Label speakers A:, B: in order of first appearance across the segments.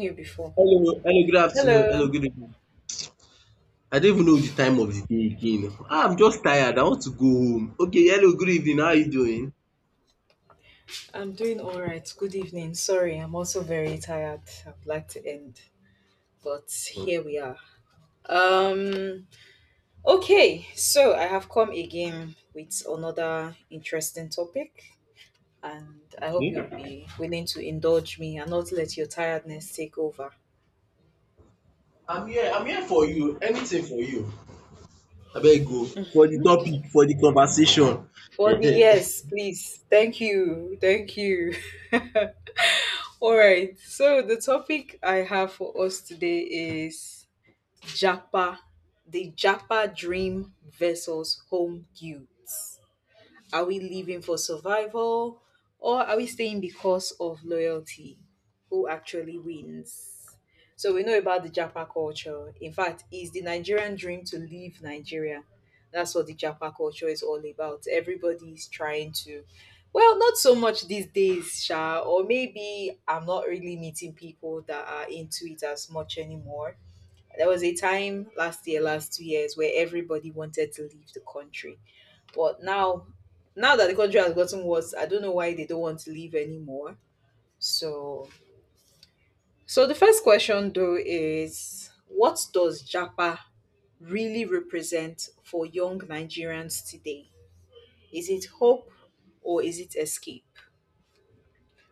A: You before.
B: Hello, hello, good
A: Hello.
B: afternoon. Hello, good evening. I don't even know the time of the day again. Ah, I'm just tired. I want to go home. Okay, hello, good evening. How are you doing?
A: I'm doing all right. Good evening. Sorry, I'm also very tired. I'd like to end, but here we are. Um okay, so I have come again with another interesting topic and I hope
B: Okay.
A: you'll be willing to indulge me and not let your tiredness take over.
B: I'm here. I'm here for you. Anything for you. I better go. For the topic, for the conversation.
A: For the yes, please. Thank you. Thank you. All right. So the topic I have for us today is Japa, the Japa dream versus home guilt. Are we living for survival or are we staying because of loyalty? Who actually wins? So we know about the Japa culture. In fact, it's the Nigerian dream to leave Nigeria. That's what the Japa culture is all about. Everybody's trying to, well, not so much these days, Sha, or maybe I'm not really meeting people that are into it as much anymore. There was a time last year, last 2 years, where everybody wanted to leave the country. But now, now that the country has gotten worse, I don't know why they don't want to leave anymore. So, so the first question though is, what does Japa really represent for young Nigerians today? Is it hope or is it escape?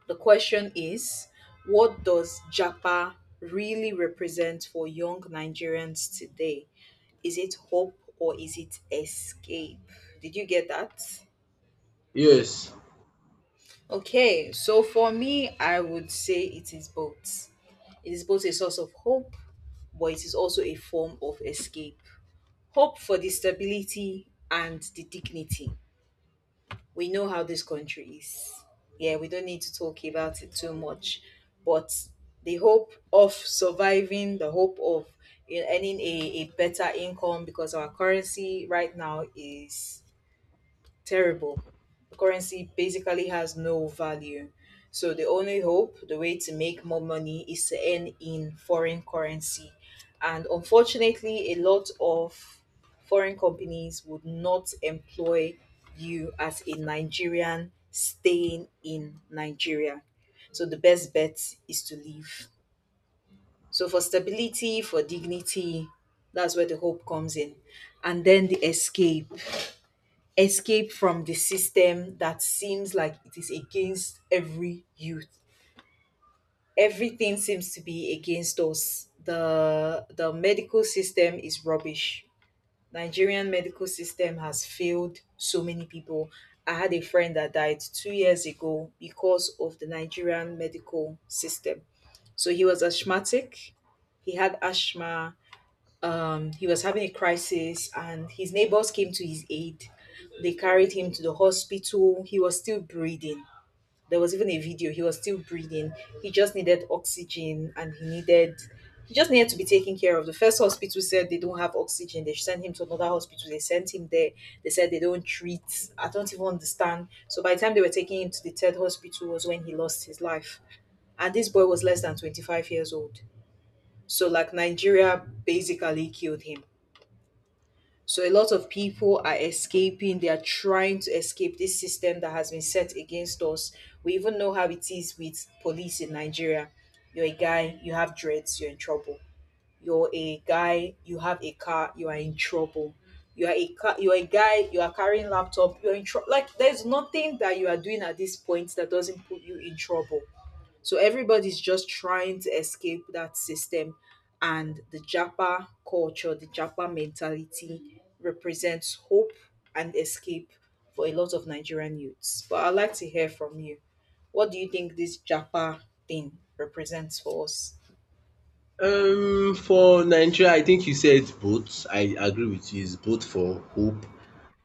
A: The question is, what does Japa really represent for young Nigerians today? Is it hope or is it escape? Did you get that?
B: Yes.
A: Okay, so for me, I would say it is both. It is both a source of hope, but it is also a form of escape. Hope for the stability and the dignity. We know how this country is. Yeah, we don't need to talk about it too much, but the hope of surviving, the hope of, earning a better income because our currency right now is terrible. Currency basically has no value. So the only hope, the way to make more money is to earn in foreign currency. And unfortunately, a lot of foreign companies would not employ you as a Nigerian staying in Nigeria. So the best bet is to leave. So for stability, for dignity, that's where the hope comes in. And then the escape, escape from the system that seems like it is against every youth. Everything seems to be against us. The medical system is rubbish. Nigerian medical system has failed so many people. I had a friend that died 2 years ago because of the Nigerian medical system. So he was asthmatic. He had asthma. He was having a crisis, and his neighbors came to his aid. They carried him to the hospital. He was still breathing. There was even a video. He was still breathing. He just needed oxygen, and he needed. He just needed to be taken care of. The first hospital said they don't have oxygen. They sent him to another hospital. They sent him there. They said they don't treat. I don't even understand. So by the time they were taking him to the third hospital was when he lost his life. And this boy was less than 25 years old. So like Nigeria basically killed him. So a lot of people are escaping. They are trying to escape this system that has been set against us. We even know how it is with police in Nigeria. You're a guy, you have dreads, you're in trouble. You're a guy, you have a car, you are in trouble. You are a car, you're a guy, you are carrying laptop, you're in trouble. Like there's nothing that you are doing at this point that doesn't put you in trouble. So everybody's just trying to escape that system. And the Japa culture, the Japa mentality represents hope and escape for a lot of Nigerian youths. But I'd like to hear from you. What do you think this Japa thing represents for us?
B: For Nigeria, I think you said both. I agree with you. It's both for hope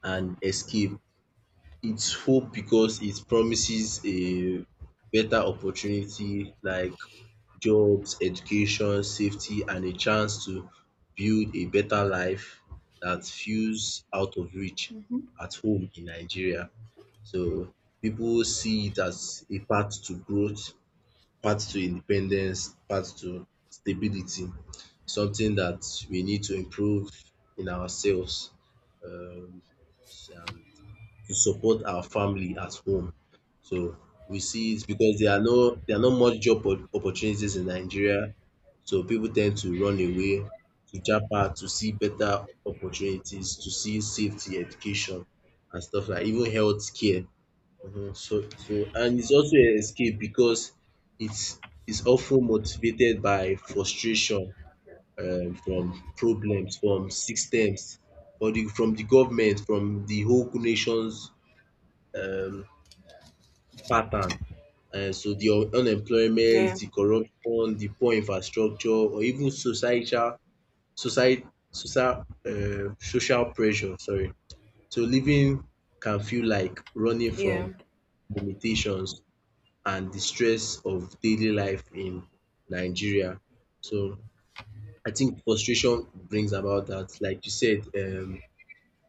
B: and escape. It's hope because it promises a better opportunity like jobs, education, safety and a chance to build a better life that feels out of reach at home in Nigeria. So people see it as a path to growth, path to independence, path to stability, something that we need to improve in ourselves. Um, to support our family at home. So we see it because there are not much opportunities in Nigeria. So people tend to run away to Japan to see better opportunities, to see safety, education, and stuff like even healthcare. Mhm. So and it's also an escape because it's it's often motivated by frustration, from problems, from systems, or the from the government, from the whole nation's um pattern. So the unemployment,
A: Yeah,
B: the corruption, the poor infrastructure or even societal society social social pressure, sorry. So living can feel like running from
A: yeah,
B: limitations and the stress of daily life in Nigeria. So I think frustration brings about that. Like you said,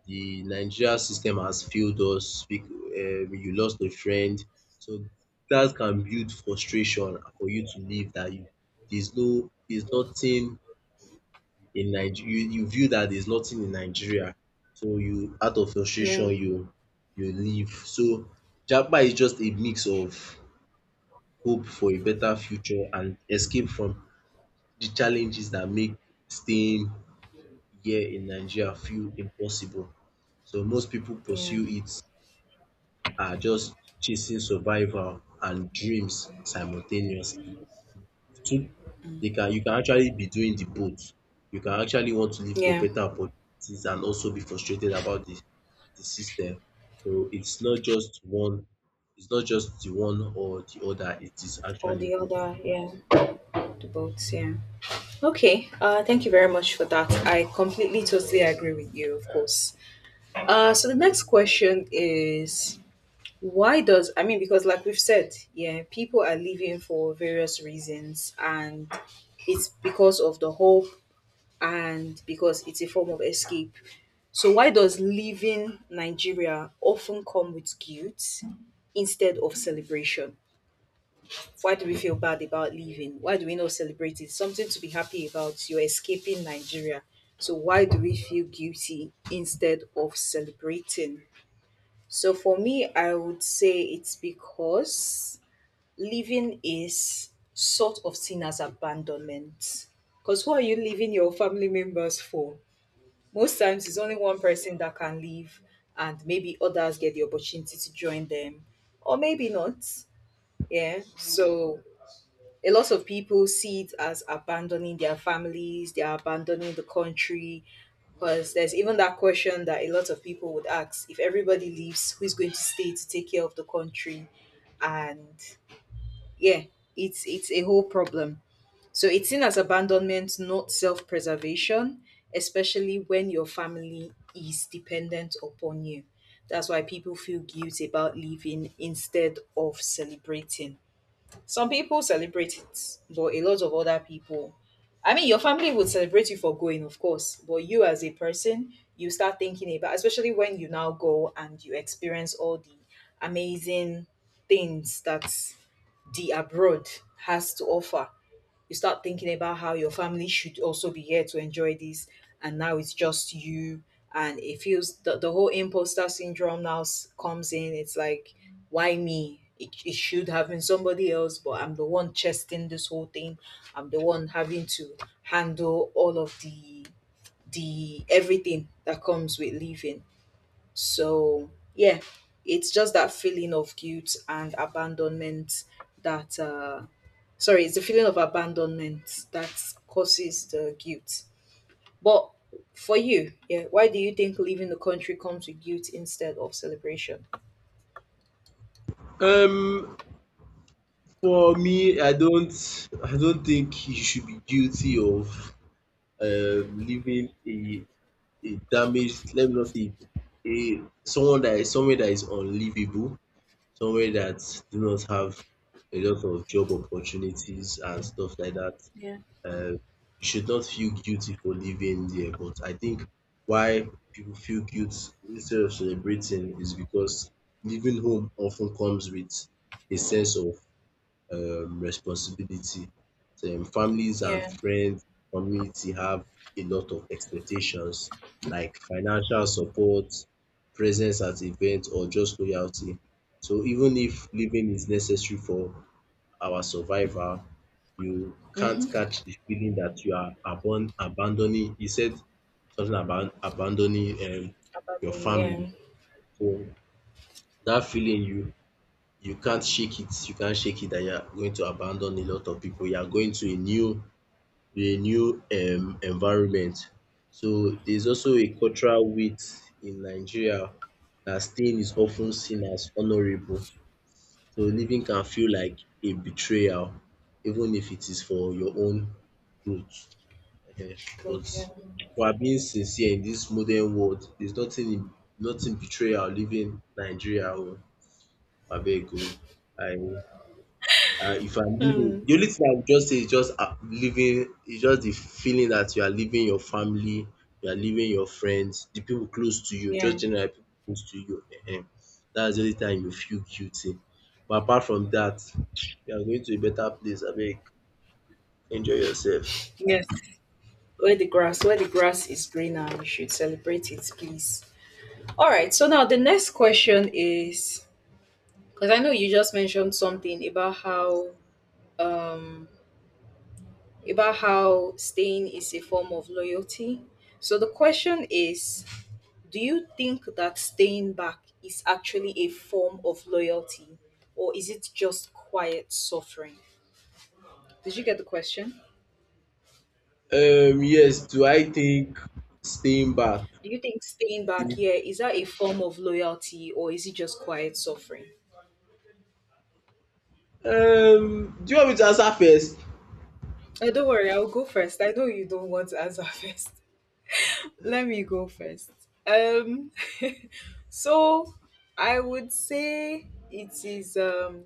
B: the Nigeria system has failed us, you lost a friend. So that can build frustration for you to leave that you there's nothing in Nigeria, you view that there's nothing in Nigeria. So you out of
A: yeah,
B: frustration you leave. So Japa is just a mix of hope for a better future and escape from the challenges that make staying here in Nigeria feel impossible. So most people
A: yeah,
B: pursue it are just chasing survival and dreams simultaneously. Two, they can you can actually be doing the both. You can actually want to look for
A: yeah.
B: better opportunities and also be frustrated about the system. So it's not just one, it's not just the one or the other, it is
A: All
B: actually
A: the
B: both.
A: other, yeah. The boats, yeah. Okay, thank you very much for that. I completely, totally agree with you, of course. So the next question is, why does, I mean, because like we've said, yeah, people are leaving for various reasons, and it's because of the hope and because it's a form of escape. So why does leaving Nigeria often come with guilt instead of celebration? Why do we feel bad about leaving? Why do we not celebrate it? Something to be happy about. You're escaping Nigeria. So why do we feel guilty instead of celebrating? So for me, I would say it's because living is sort of seen as abandonment. Because who are you leaving your family members for? Most times it's only one person that can leave, and maybe others get the opportunity to join them, or maybe not. Yeah. So a lot of people see it as abandoning their families, they are abandoning the country. Because there's even that question that a lot of people would ask, if everybody leaves, who's going to stay to take care of the country? And yeah, it's a whole problem. So it's seen as abandonment, not self preservation, especially when your family is dependent upon you. That's why people feel guilt about leaving instead of celebrating. Some people celebrate it, but a lot of other people, I mean, your family would celebrate you for going, of course, but you as a person, you start thinking about, especially when you now go and you experience all the amazing things that the abroad has to offer, you start thinking about how your family should also be here to enjoy this, and now it's just you, and it feels, the whole imposter syndrome now comes in, it's like why me, it should have been somebody else, but I'm the one chesting this whole thing. I'm the one having to handle all of the everything that comes with leaving. So yeah, it's just that feeling of guilt and abandonment that sorry, it's the feeling of abandonment that causes the guilt. But for you, yeah, why do you think leaving the country comes with guilt instead of celebration?
B: Um for me, I don't think you should be guilty of living a damaged, let me not say a someone that is somewhere that is unlivable, somewhere that do not have a lot of job opportunities and stuff like that.
A: Yeah.
B: Um you should not feel guilty for living there. But I think why people feel guilt instead of celebrating is because leaving home often comes with a sense of responsibility. So, families and
A: Yeah.
B: friends, community have a lot of expectations like financial support, presence at events, or just loyalty. So even if living is necessary for our survival, you can't
A: Mm-hmm.
B: catch the feeling that you are abon abandoning. He said something about abandoning your
A: Abandon. Yeah.
B: family. So that feeling, you can't shake it. You can't shake it that you are going to abandon a lot of people. You are going to a new environment. So there's also a cultural weight in Nigeria that staying is often seen as honorable. So leaving can feel like a betrayal, even if it is for your own growth. Ehen.
A: Good.
B: But
A: Yeah.
B: for being sincere in this modern world, there's nothing betrayal leaving Nigeria. Oh. Abeg oh, I if I'm living,
A: Hmm.
B: the only thing I would just say is just, living, is just the feeling that you are leaving your family, you are leaving your friends, the people close to you, just
A: Yeah.
B: generally people close to you. um That's the only time you feel guilty. But apart from that, you are going to a better place. Abeg, enjoy yourself.
A: Yes,
B: That's
A: where
B: it.
A: the grass is greener, you should celebrate it, please. All
B: Yeah.
A: right. So now the next question is, because I know you just mentioned something um about how staying is a form of loyalty. So the question is, do you think that staying back is actually a form of loyalty, or is it just quiet suffering? Did you get the question?
B: Yes, do I think staying back?
A: Do you think staying back, yeah, is that a form of loyalty, or is it just quiet suffering?
B: Do you want me to answer first?
A: Don't worry, I'll go first. I know you don't want to answer first. Let me go first. Um, so I would say it is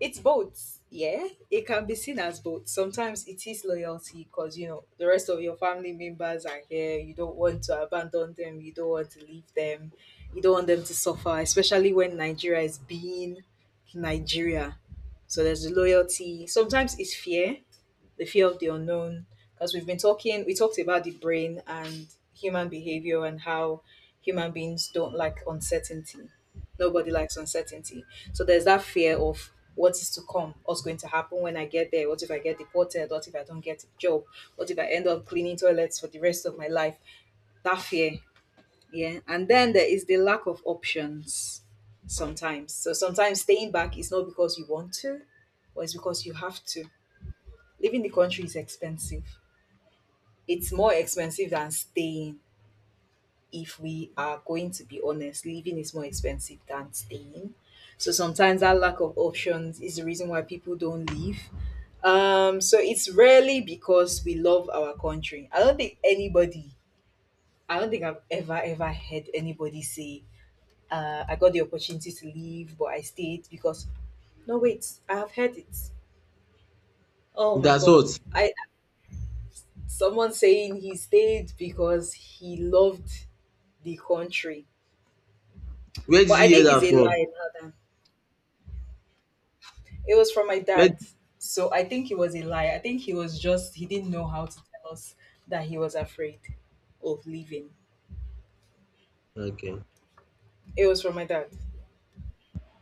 A: it's both. Yeah, it can be seen as both. Sometimes it is loyalty because you know the rest of your family members are here. You don't want to abandon them. You don't want to leave them. You don't want them to suffer, especially when Nigeria is being Nigeria. So there's the loyalty. Sometimes it's fear, the fear of the unknown, because we've been talking, we talked about the brain and human behavior and how human beings don't like uncertainty, nobody likes uncertainty, so there's that fear of what is to come, what's going to happen when I get there, what if I get deported, what if I don't get a job, what if I end up cleaning toilets for the rest of my life, that fear. Yeah, and then there is the lack of options sometimes. So sometimes staying back is not because you want to, or it's because you have to. Leaving the country is expensive, it's more expensive than staying, if we are going to be honest. Living is more expensive than staying. So sometimes that lack of options is the reason why people don't leave. So it's rarely because we love our country. I don't think anybody, I don't think I've ever, ever heard anybody say, I got the opportunity to leave, but I stayed because, no, wait, I have heard it. Oh my
B: That's
A: God.
B: what.
A: I, someone saying he stayed because he loved the country.
B: Where did
A: But
B: you
A: I
B: hear
A: think it's
B: that
A: a
B: from?
A: lie now that, it was from my
B: Where?
A: dad. So I think it was a lie. I think he was just, he didn't know how to tell us that he was afraid of leaving.
B: Okay.
A: It was from my dad.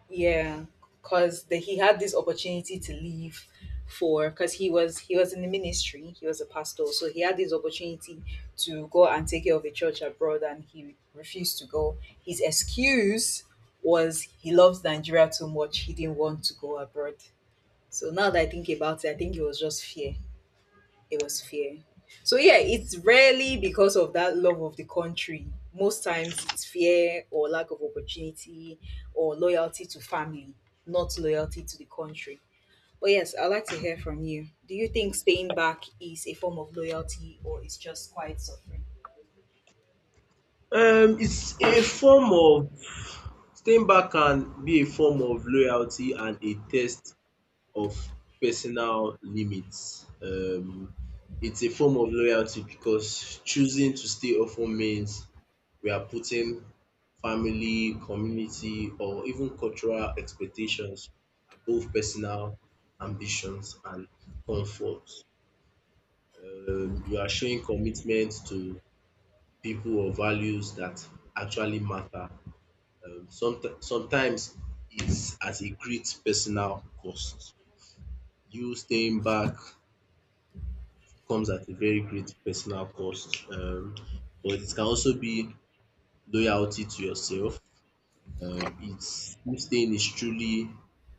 A: Yeah, cause the, he had this opportunity to leave for, because he was in the ministry. He was a pastor, so he had this opportunity to go and take care of a church abroad, and he refused to go. His excuse was he loves Nigeria too much. He didn't want to go abroad. So now that I think about it, I think it was just fear. It was fear. So yeah, it's rarely because of that love of the country. Most times it's fear or lack of opportunity or loyalty to family, not loyalty to the country. But yes, I'd like to hear from you. Do you think staying back is a form of loyalty or is just quiet suffering?
B: It's a form of staying back, can be a form of loyalty and a test of personal limits. It's a form of loyalty because choosing to stay often means we are putting family, community, or even cultural expectations above personal ambitions and comfort.
A: Okay.
B: You are showing commitment to people or values that actually matter, sometimes it's at a great personal cost. You staying back comes at a very great personal cost, but it can also be loyalty to yourself. It's, you staying is truly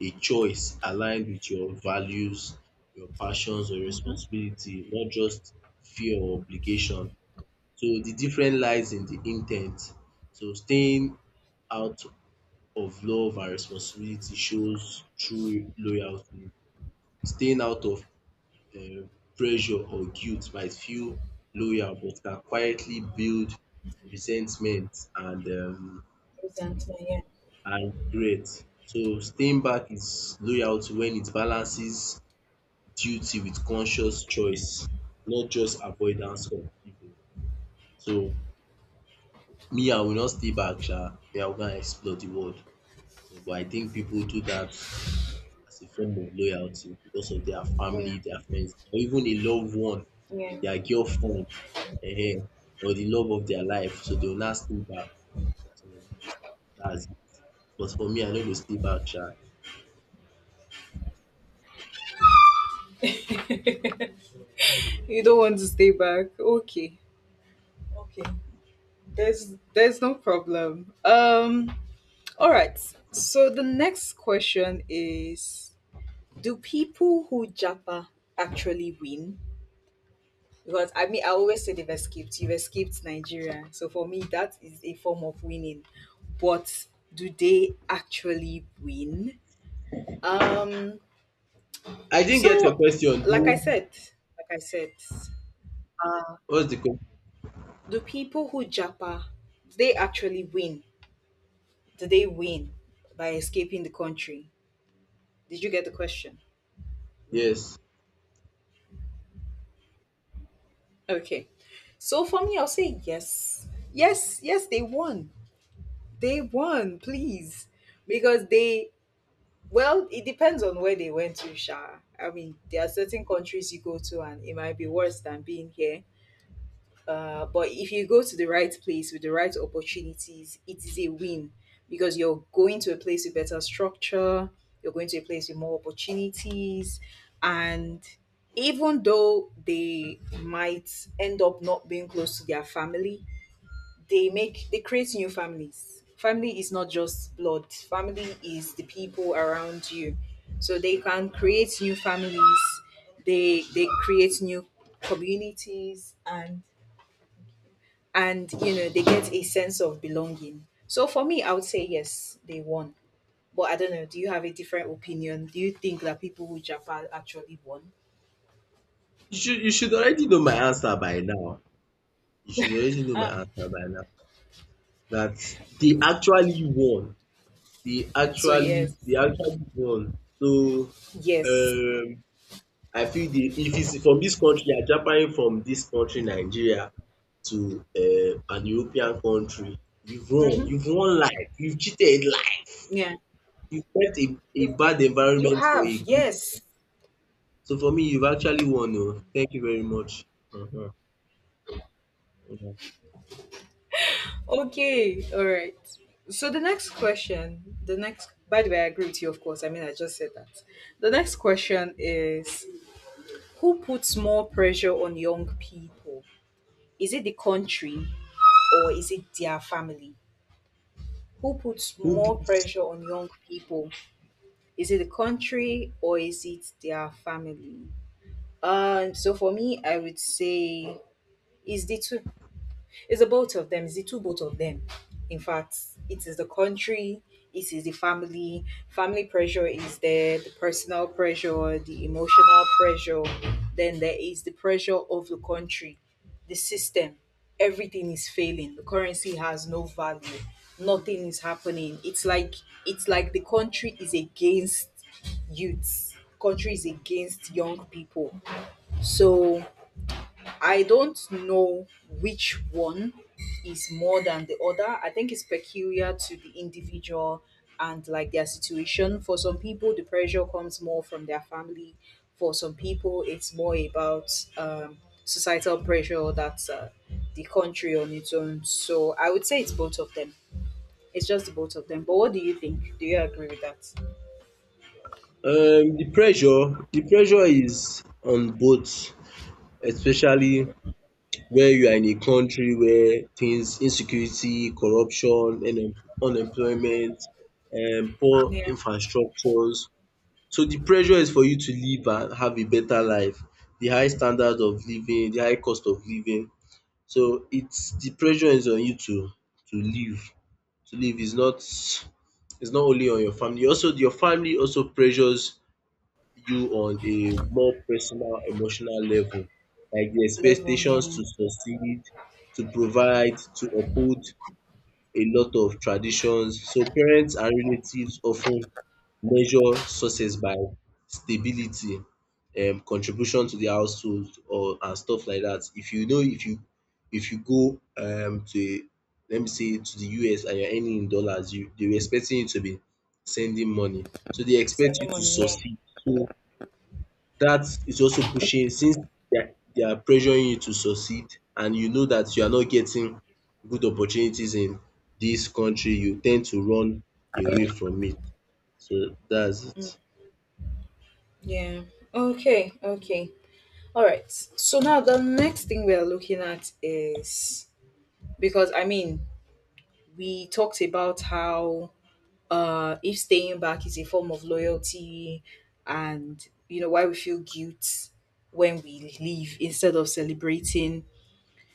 B: a choice aligned with your values, your passions, or responsibility, not just fear or obligation. So the difference lies in the intent. So staying out of love and responsibility shows true loyalty. Staying out of um pressure or guilt might feel loyal but can quietly build resentment and um
A: Good answer, yeah.
B: and regret. So staying back is loyalty when it balances duty with conscious choice, not just avoidance of evil. So me, I will not stay back sha, me I will go and explore the world. So but I think people do that as a form of loyalty because of their family, their friends, or even a loved one,
A: Mm.
B: their girlfriend, eh, or the love of their life. So they will not stay back. So that's it. But for me, I no go stay back, sha.
A: Yeah. You don't want to stay back. Okay. Okay. There's no problem. All right. So the next question is: do people who Japa actually win? Because I mean, I always say they've escaped. You've escaped Nigeria. So for me, that is a form of winning. But do they actually win? Um,
B: I didn't get your
A: so
B: question.
A: like I
B: Do
A: said, like I said,
B: what's the question?
A: do people who Japa, do they actually win? Do they win by escaping the country? Did you get the question?
B: Yes.
A: Okay. So for me, I'll say yes. Yes, yes, they won. They won, please. Because well, it depends on where they went to, Sha. I mean, there are certain countries you go to and it might be worse than being here. But if you go to the right place with the right opportunities, it is a win because you're going to a place with better structure, you're going to a place with more opportunities, and even though they might end up not being close to their family, they create new families. Family is not just blood. Family is the people around you. So they can create new families. They create new communities and they get a sense of belonging. So for me, I would say yes, they won. But I don't know. Do you have a different opinion? Do you think that people who Japan actually won?
B: You should already know my answer by now. You should already know my answer by now. That they actually won. They
A: So
B: actually
A: yes,
B: they actually won. So
A: yes,
B: um I feel the, if it's from this country Japan from this country Nigeria to an European country, you've won
A: hmm,
B: you've won life, you've cheated life,
A: yeah.
B: you've left a
A: You,
B: bad
A: you
B: environment for a
A: have
B: good.
A: yes.
B: So for me, you've actually won. Oh, thank you very much. um um.
A: Okay, all right. So the next question, the next. By the way, I agree with you, of course. I mean, I just said that. The next question is: who puts more pressure on young people? Is it the country or is it their family? Who puts
B: Who
A: more
B: put?
A: pressure on young people? Is it the country or is it their family? So for me, I would say it's the two. It's the both of them. It's the two both of them. In fact, it is the country, it is the family. Family pressure is there, the personal pressure, the emotional pressure. Then there is the pressure of the country, the system. Everything is failing. The currency has no value. Nothing is happening. It's like the country is against youths. Country is against young people. So I don't know which one is more than the other. I think it's peculiar to the individual and like their situation. For some people, the pressure comes more from their family. For some people, it's more about um, societal pressure, that's the country on its own. So I would say it's both of them. It's just the both of them. But what do you think? Do you agree with that?
B: The pressure the pressure is on both, especially where you are in a country where things insecurity, corruption, and unemployment, poor
A: Yeah,
B: infrastructures. So the pressure is for you to live and have a better life, the high standard of living, the high cost of living. So it's, the pressure is on you to live. To live is not, is not only on your family also pressures you on a more personal, emotional level, like the
A: level,
B: expectations
A: yeah.
B: to succeed, to provide, to uphold a lot of traditions. So parents and relatives often measure success by stability, contribution to the household or and stuff like that. If you know if you, if you go to a, let me say to the US, and you're earning in dollars, you they were expecting you to be sending money. So they expect you
A: Sending
B: to
A: money, yeah.
B: succeed. So that is also pushing, since they are pressuring you to succeed, and you know that you are not getting good opportunities in this country, you tend to run away from it. So that's it.
A: Yeah. Okay, okay. All right. So now the next thing we are looking at is, because I mean, we talked about how if staying back is a form of loyalty, and why we feel guilt when we leave instead of celebrating.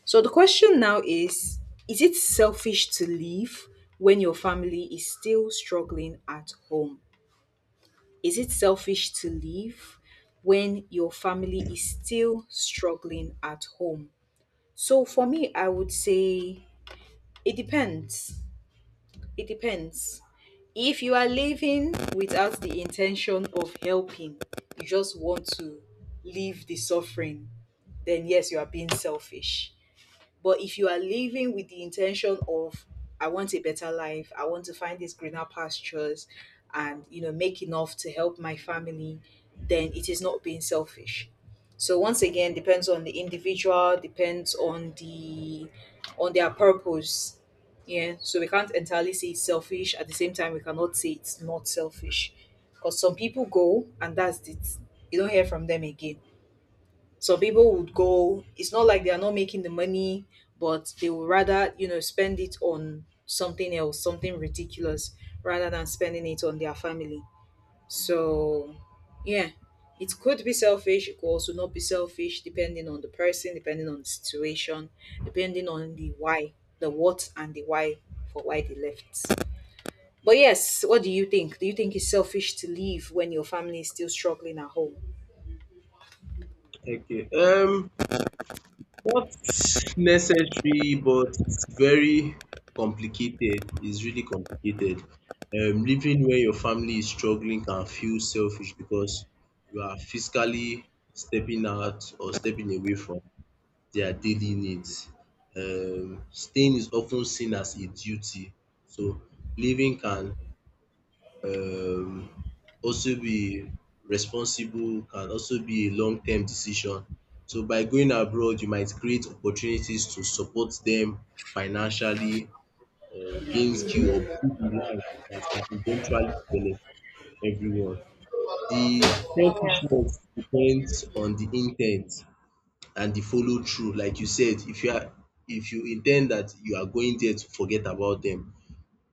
A: So the question now is it selfish to leave when your family is still struggling at home? Is it selfish to leave when your family is still struggling at home? So for me, I would say it depends. It depends. If you are living without the intention of helping, you just want to leave the suffering, then yes, you are being selfish. But if you are living with the intention of, I want a better life, I want to find these greener pastures and make enough to help my family, then it is not being selfish. So once again, depends on the individual, depends on their purpose. Yeah. So we can't entirely say it's selfish. At the same time, we cannot say it's not selfish. Because some people go and that's it. You don't hear from them again. Some people would go, it's not like they are not making the money, but they would rather, spend it on something else, something ridiculous, rather than spending it on their family. So, yeah, it could be selfish, it could also not be selfish, depending on the person, depending on the situation, depending on the why, the what and the why for why they left. But yes, what do you think? Do you think it's selfish to leave when your family is still struggling at home?
B: Okay. Not necessary, but it's very complicated. It's really complicated. Living where your family is struggling can feel selfish because you are physically stepping out or stepping away from their daily needs. Staying is often seen as a duty, so living can, um, also be responsible, can also be a long-term decision. So by going abroad, you might create opportunities to support them financially or gain skill or build a life that can eventually benefit everyone. The selfishness depends on the intent and the follow through. Like you said, if you are, if you in ten d that you are going there to forget about them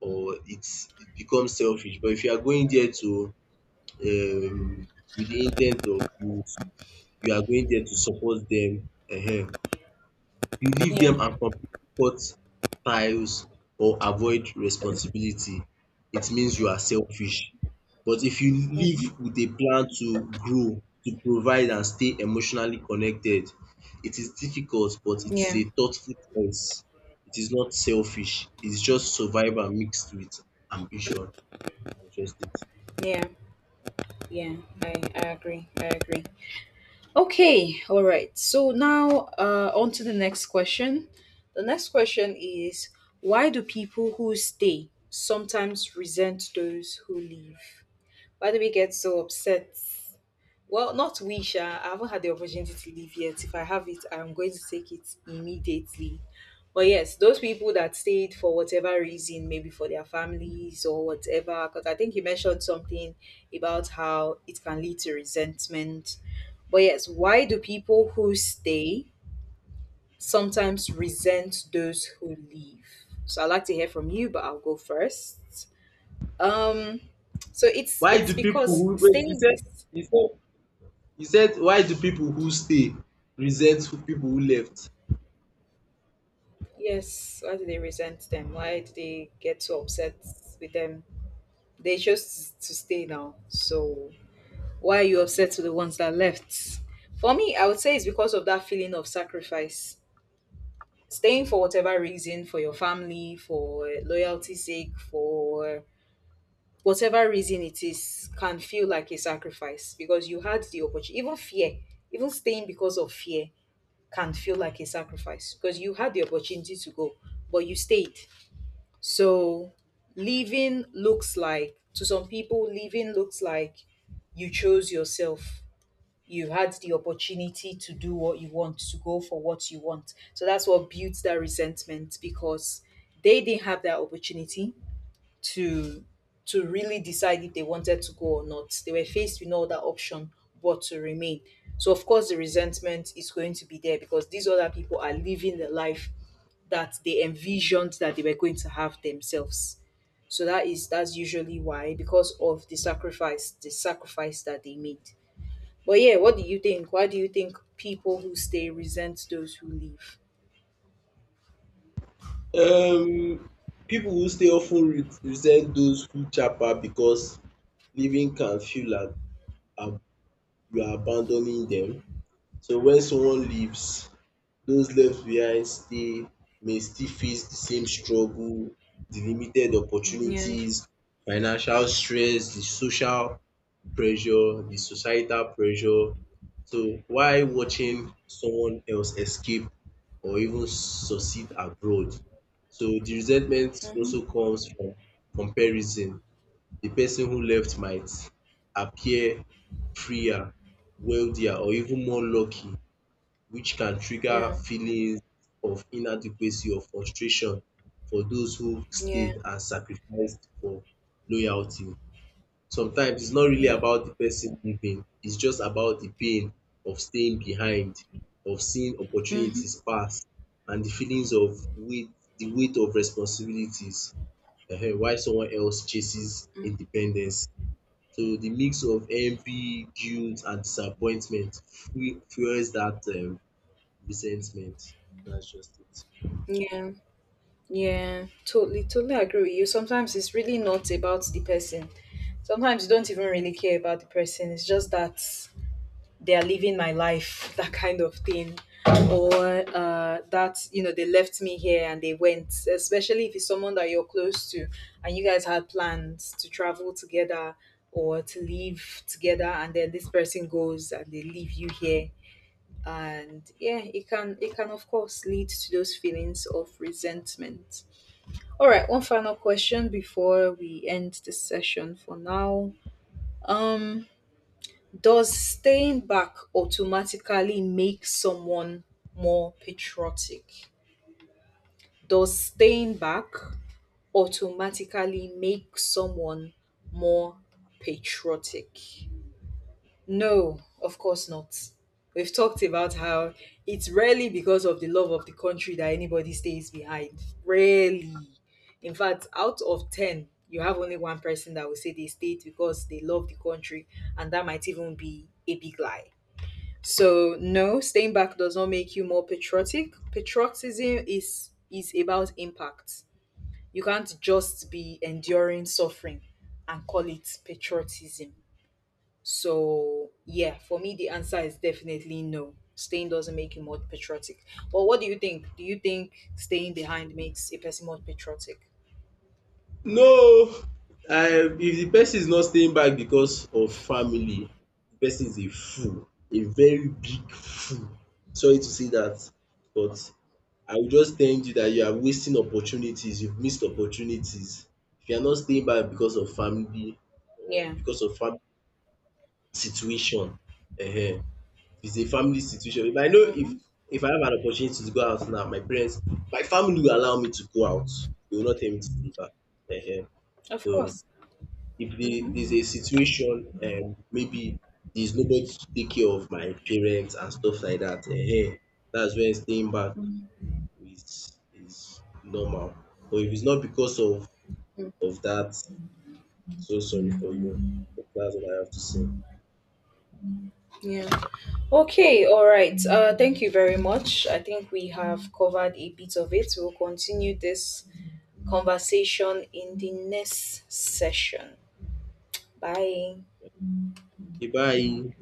B: or it's, it becomes selfish. But if you are going there to, um with the in ten t of you, you are going there to support them, um you leave
A: Yeah.
B: them and comfort tiles or avoid responsibility, it means you are selfish. But if you live with a plan to grow, to provide and stay emotionally connected, it is difficult but it is
A: Yeah,
B: a thoughtful choice. It is not selfish, it's just survival mixed with ambition. That's just it.
A: yeah. Yeah, I agree. I agree. Okay, all right. So now on to the next question. The next question is: why do people who stay sometimes resent those who leave? Why do we get so upset? Well, not we, Sha. I haven't had the opportunity to leave yet. If I have it, I'm going to take it immediately. But yes, those people that stayed for whatever reason, maybe for their families or whatever, because I think you mentioned something about how it can lead to resentment. But yes, why do people who stay sometimes resent those who leave? So I'd like to hear from you, but I'll go first. Um, so it's
B: Why
A: it's
B: do people
A: because
B: who, wait, you
A: staying
B: said,
A: is.
B: you said you said why do people who stay resent people who left?
A: Yes. Why do they resent them? Why do they get so upset with them? They chose to stay now, so why are you upset with the ones that left? For me, I would say it's because of that feeling of sacrifice. Staying for whatever reason, for your family, for loyalty's sake, for whatever reason it is, can feel like a sacrifice because you had the opportunity. Even fear, even staying because of fear, can feel like a sacrifice because you had the opportunity to go, but you stayed. So leaving looks like, to some people, leaving looks like you chose yourself. You've had the opportunity to do what you want, to go for what you want. So that's what builds that resentment because they didn't have that opportunity to really decide if they wanted to go or not. They were faced with no other option but to remain. So of course the resentment is going to be there because these other people are living the life that they envisioned that they were going to have themselves. So that's usually why, because of the sacrifice that they made. But yeah, what do you think? Why do you think people who stay resent those who leave?
B: Um, people who stay often resent those who chap out because leaving can feel like ab- you are abandoning them. So when someone leaves, those left behind stay may still face the same struggle, the limited
A: Yeah.
B: opportunities, financial stress, the social pressure, the societal pressure. So why
A: Mm-hmm.
B: watching someone else escape or even succeed abroad. So the resentment
A: Mm-hmm.
B: also comes from comparison. The person who left might appear freer, wealthier, or even more lucky, which can trigger
A: Yeah.
B: feelings of inadequacy or frustration for those who
A: Yeah.
B: stayed and sacrificed for loyalty. Sometimes it's not really
A: Yeah.
B: about the person leaving, it's just about the pain of staying behind, of seeing
A: Mm-hmm.
B: opportunities pass and the feelings of weight the weight of responsibilities, while someone else chases independence. So the mix of envy, guilt and disappointment fuels that resentment. That's just it.
A: Yeah. Yeah. Totally, totally agree with you. Sometimes it's really not about the person. Sometimes you don't even really care about the person. It's just that they are living my life, that kind of thing. Or that, they left me here and they went, especially if it's someone that you're close to and you guys had plans to travel together or to live together and then this person goes and they leave you here, and yeah, it can of course lead to those feelings of resentment. All right, one final question before we end this session for now. um does staying back automatically make someone more patriotic? Does staying back automatically make someone more patriotic? No, of course not. We've talked about how it's rarely because of the love of the country that anybody stays behind. Rarely. In fact, out of 10, you have only one person that will say they stayed because they love the country, and that might even be a big lie. So no, staying back does not make you more patriotic. Patriotism is about impact. You can't just be enduring suffering and call it patriotism. So yeah, for me the answer is definitely no. Staying doesn't make you more patriotic. But what do you think? Do you think staying behind makes a person more patriotic?
B: No, I. If the person is not staying back because of family, the person is a fool, a very big fool. Sorry to say that, but I will just tell you that you are wasting opportunities, you've missed opportunities. If you are not staying back because of family or
A: Yeah.
B: because of family situation, if it's a family situation, if I know,
A: Mm-hmm.
B: if I have an opportunity to go out now, my parents, my family will allow me to go out. They will not tell me to stay back. um
A: Of
B: So
A: course.
B: if the,
A: Mm-hmm.
B: there's a situation, maybe there's nobody to take care of my parents and stuff like that, that's when staying back is normal. But if it's not because of that, I'm so sorry for you. That's all I have to say.
A: Yeah. Okay, all right. Thank you very much. I think we have covered a bit of it. We'll continue this conversation in the next session. Bye.
B: Okay, bye.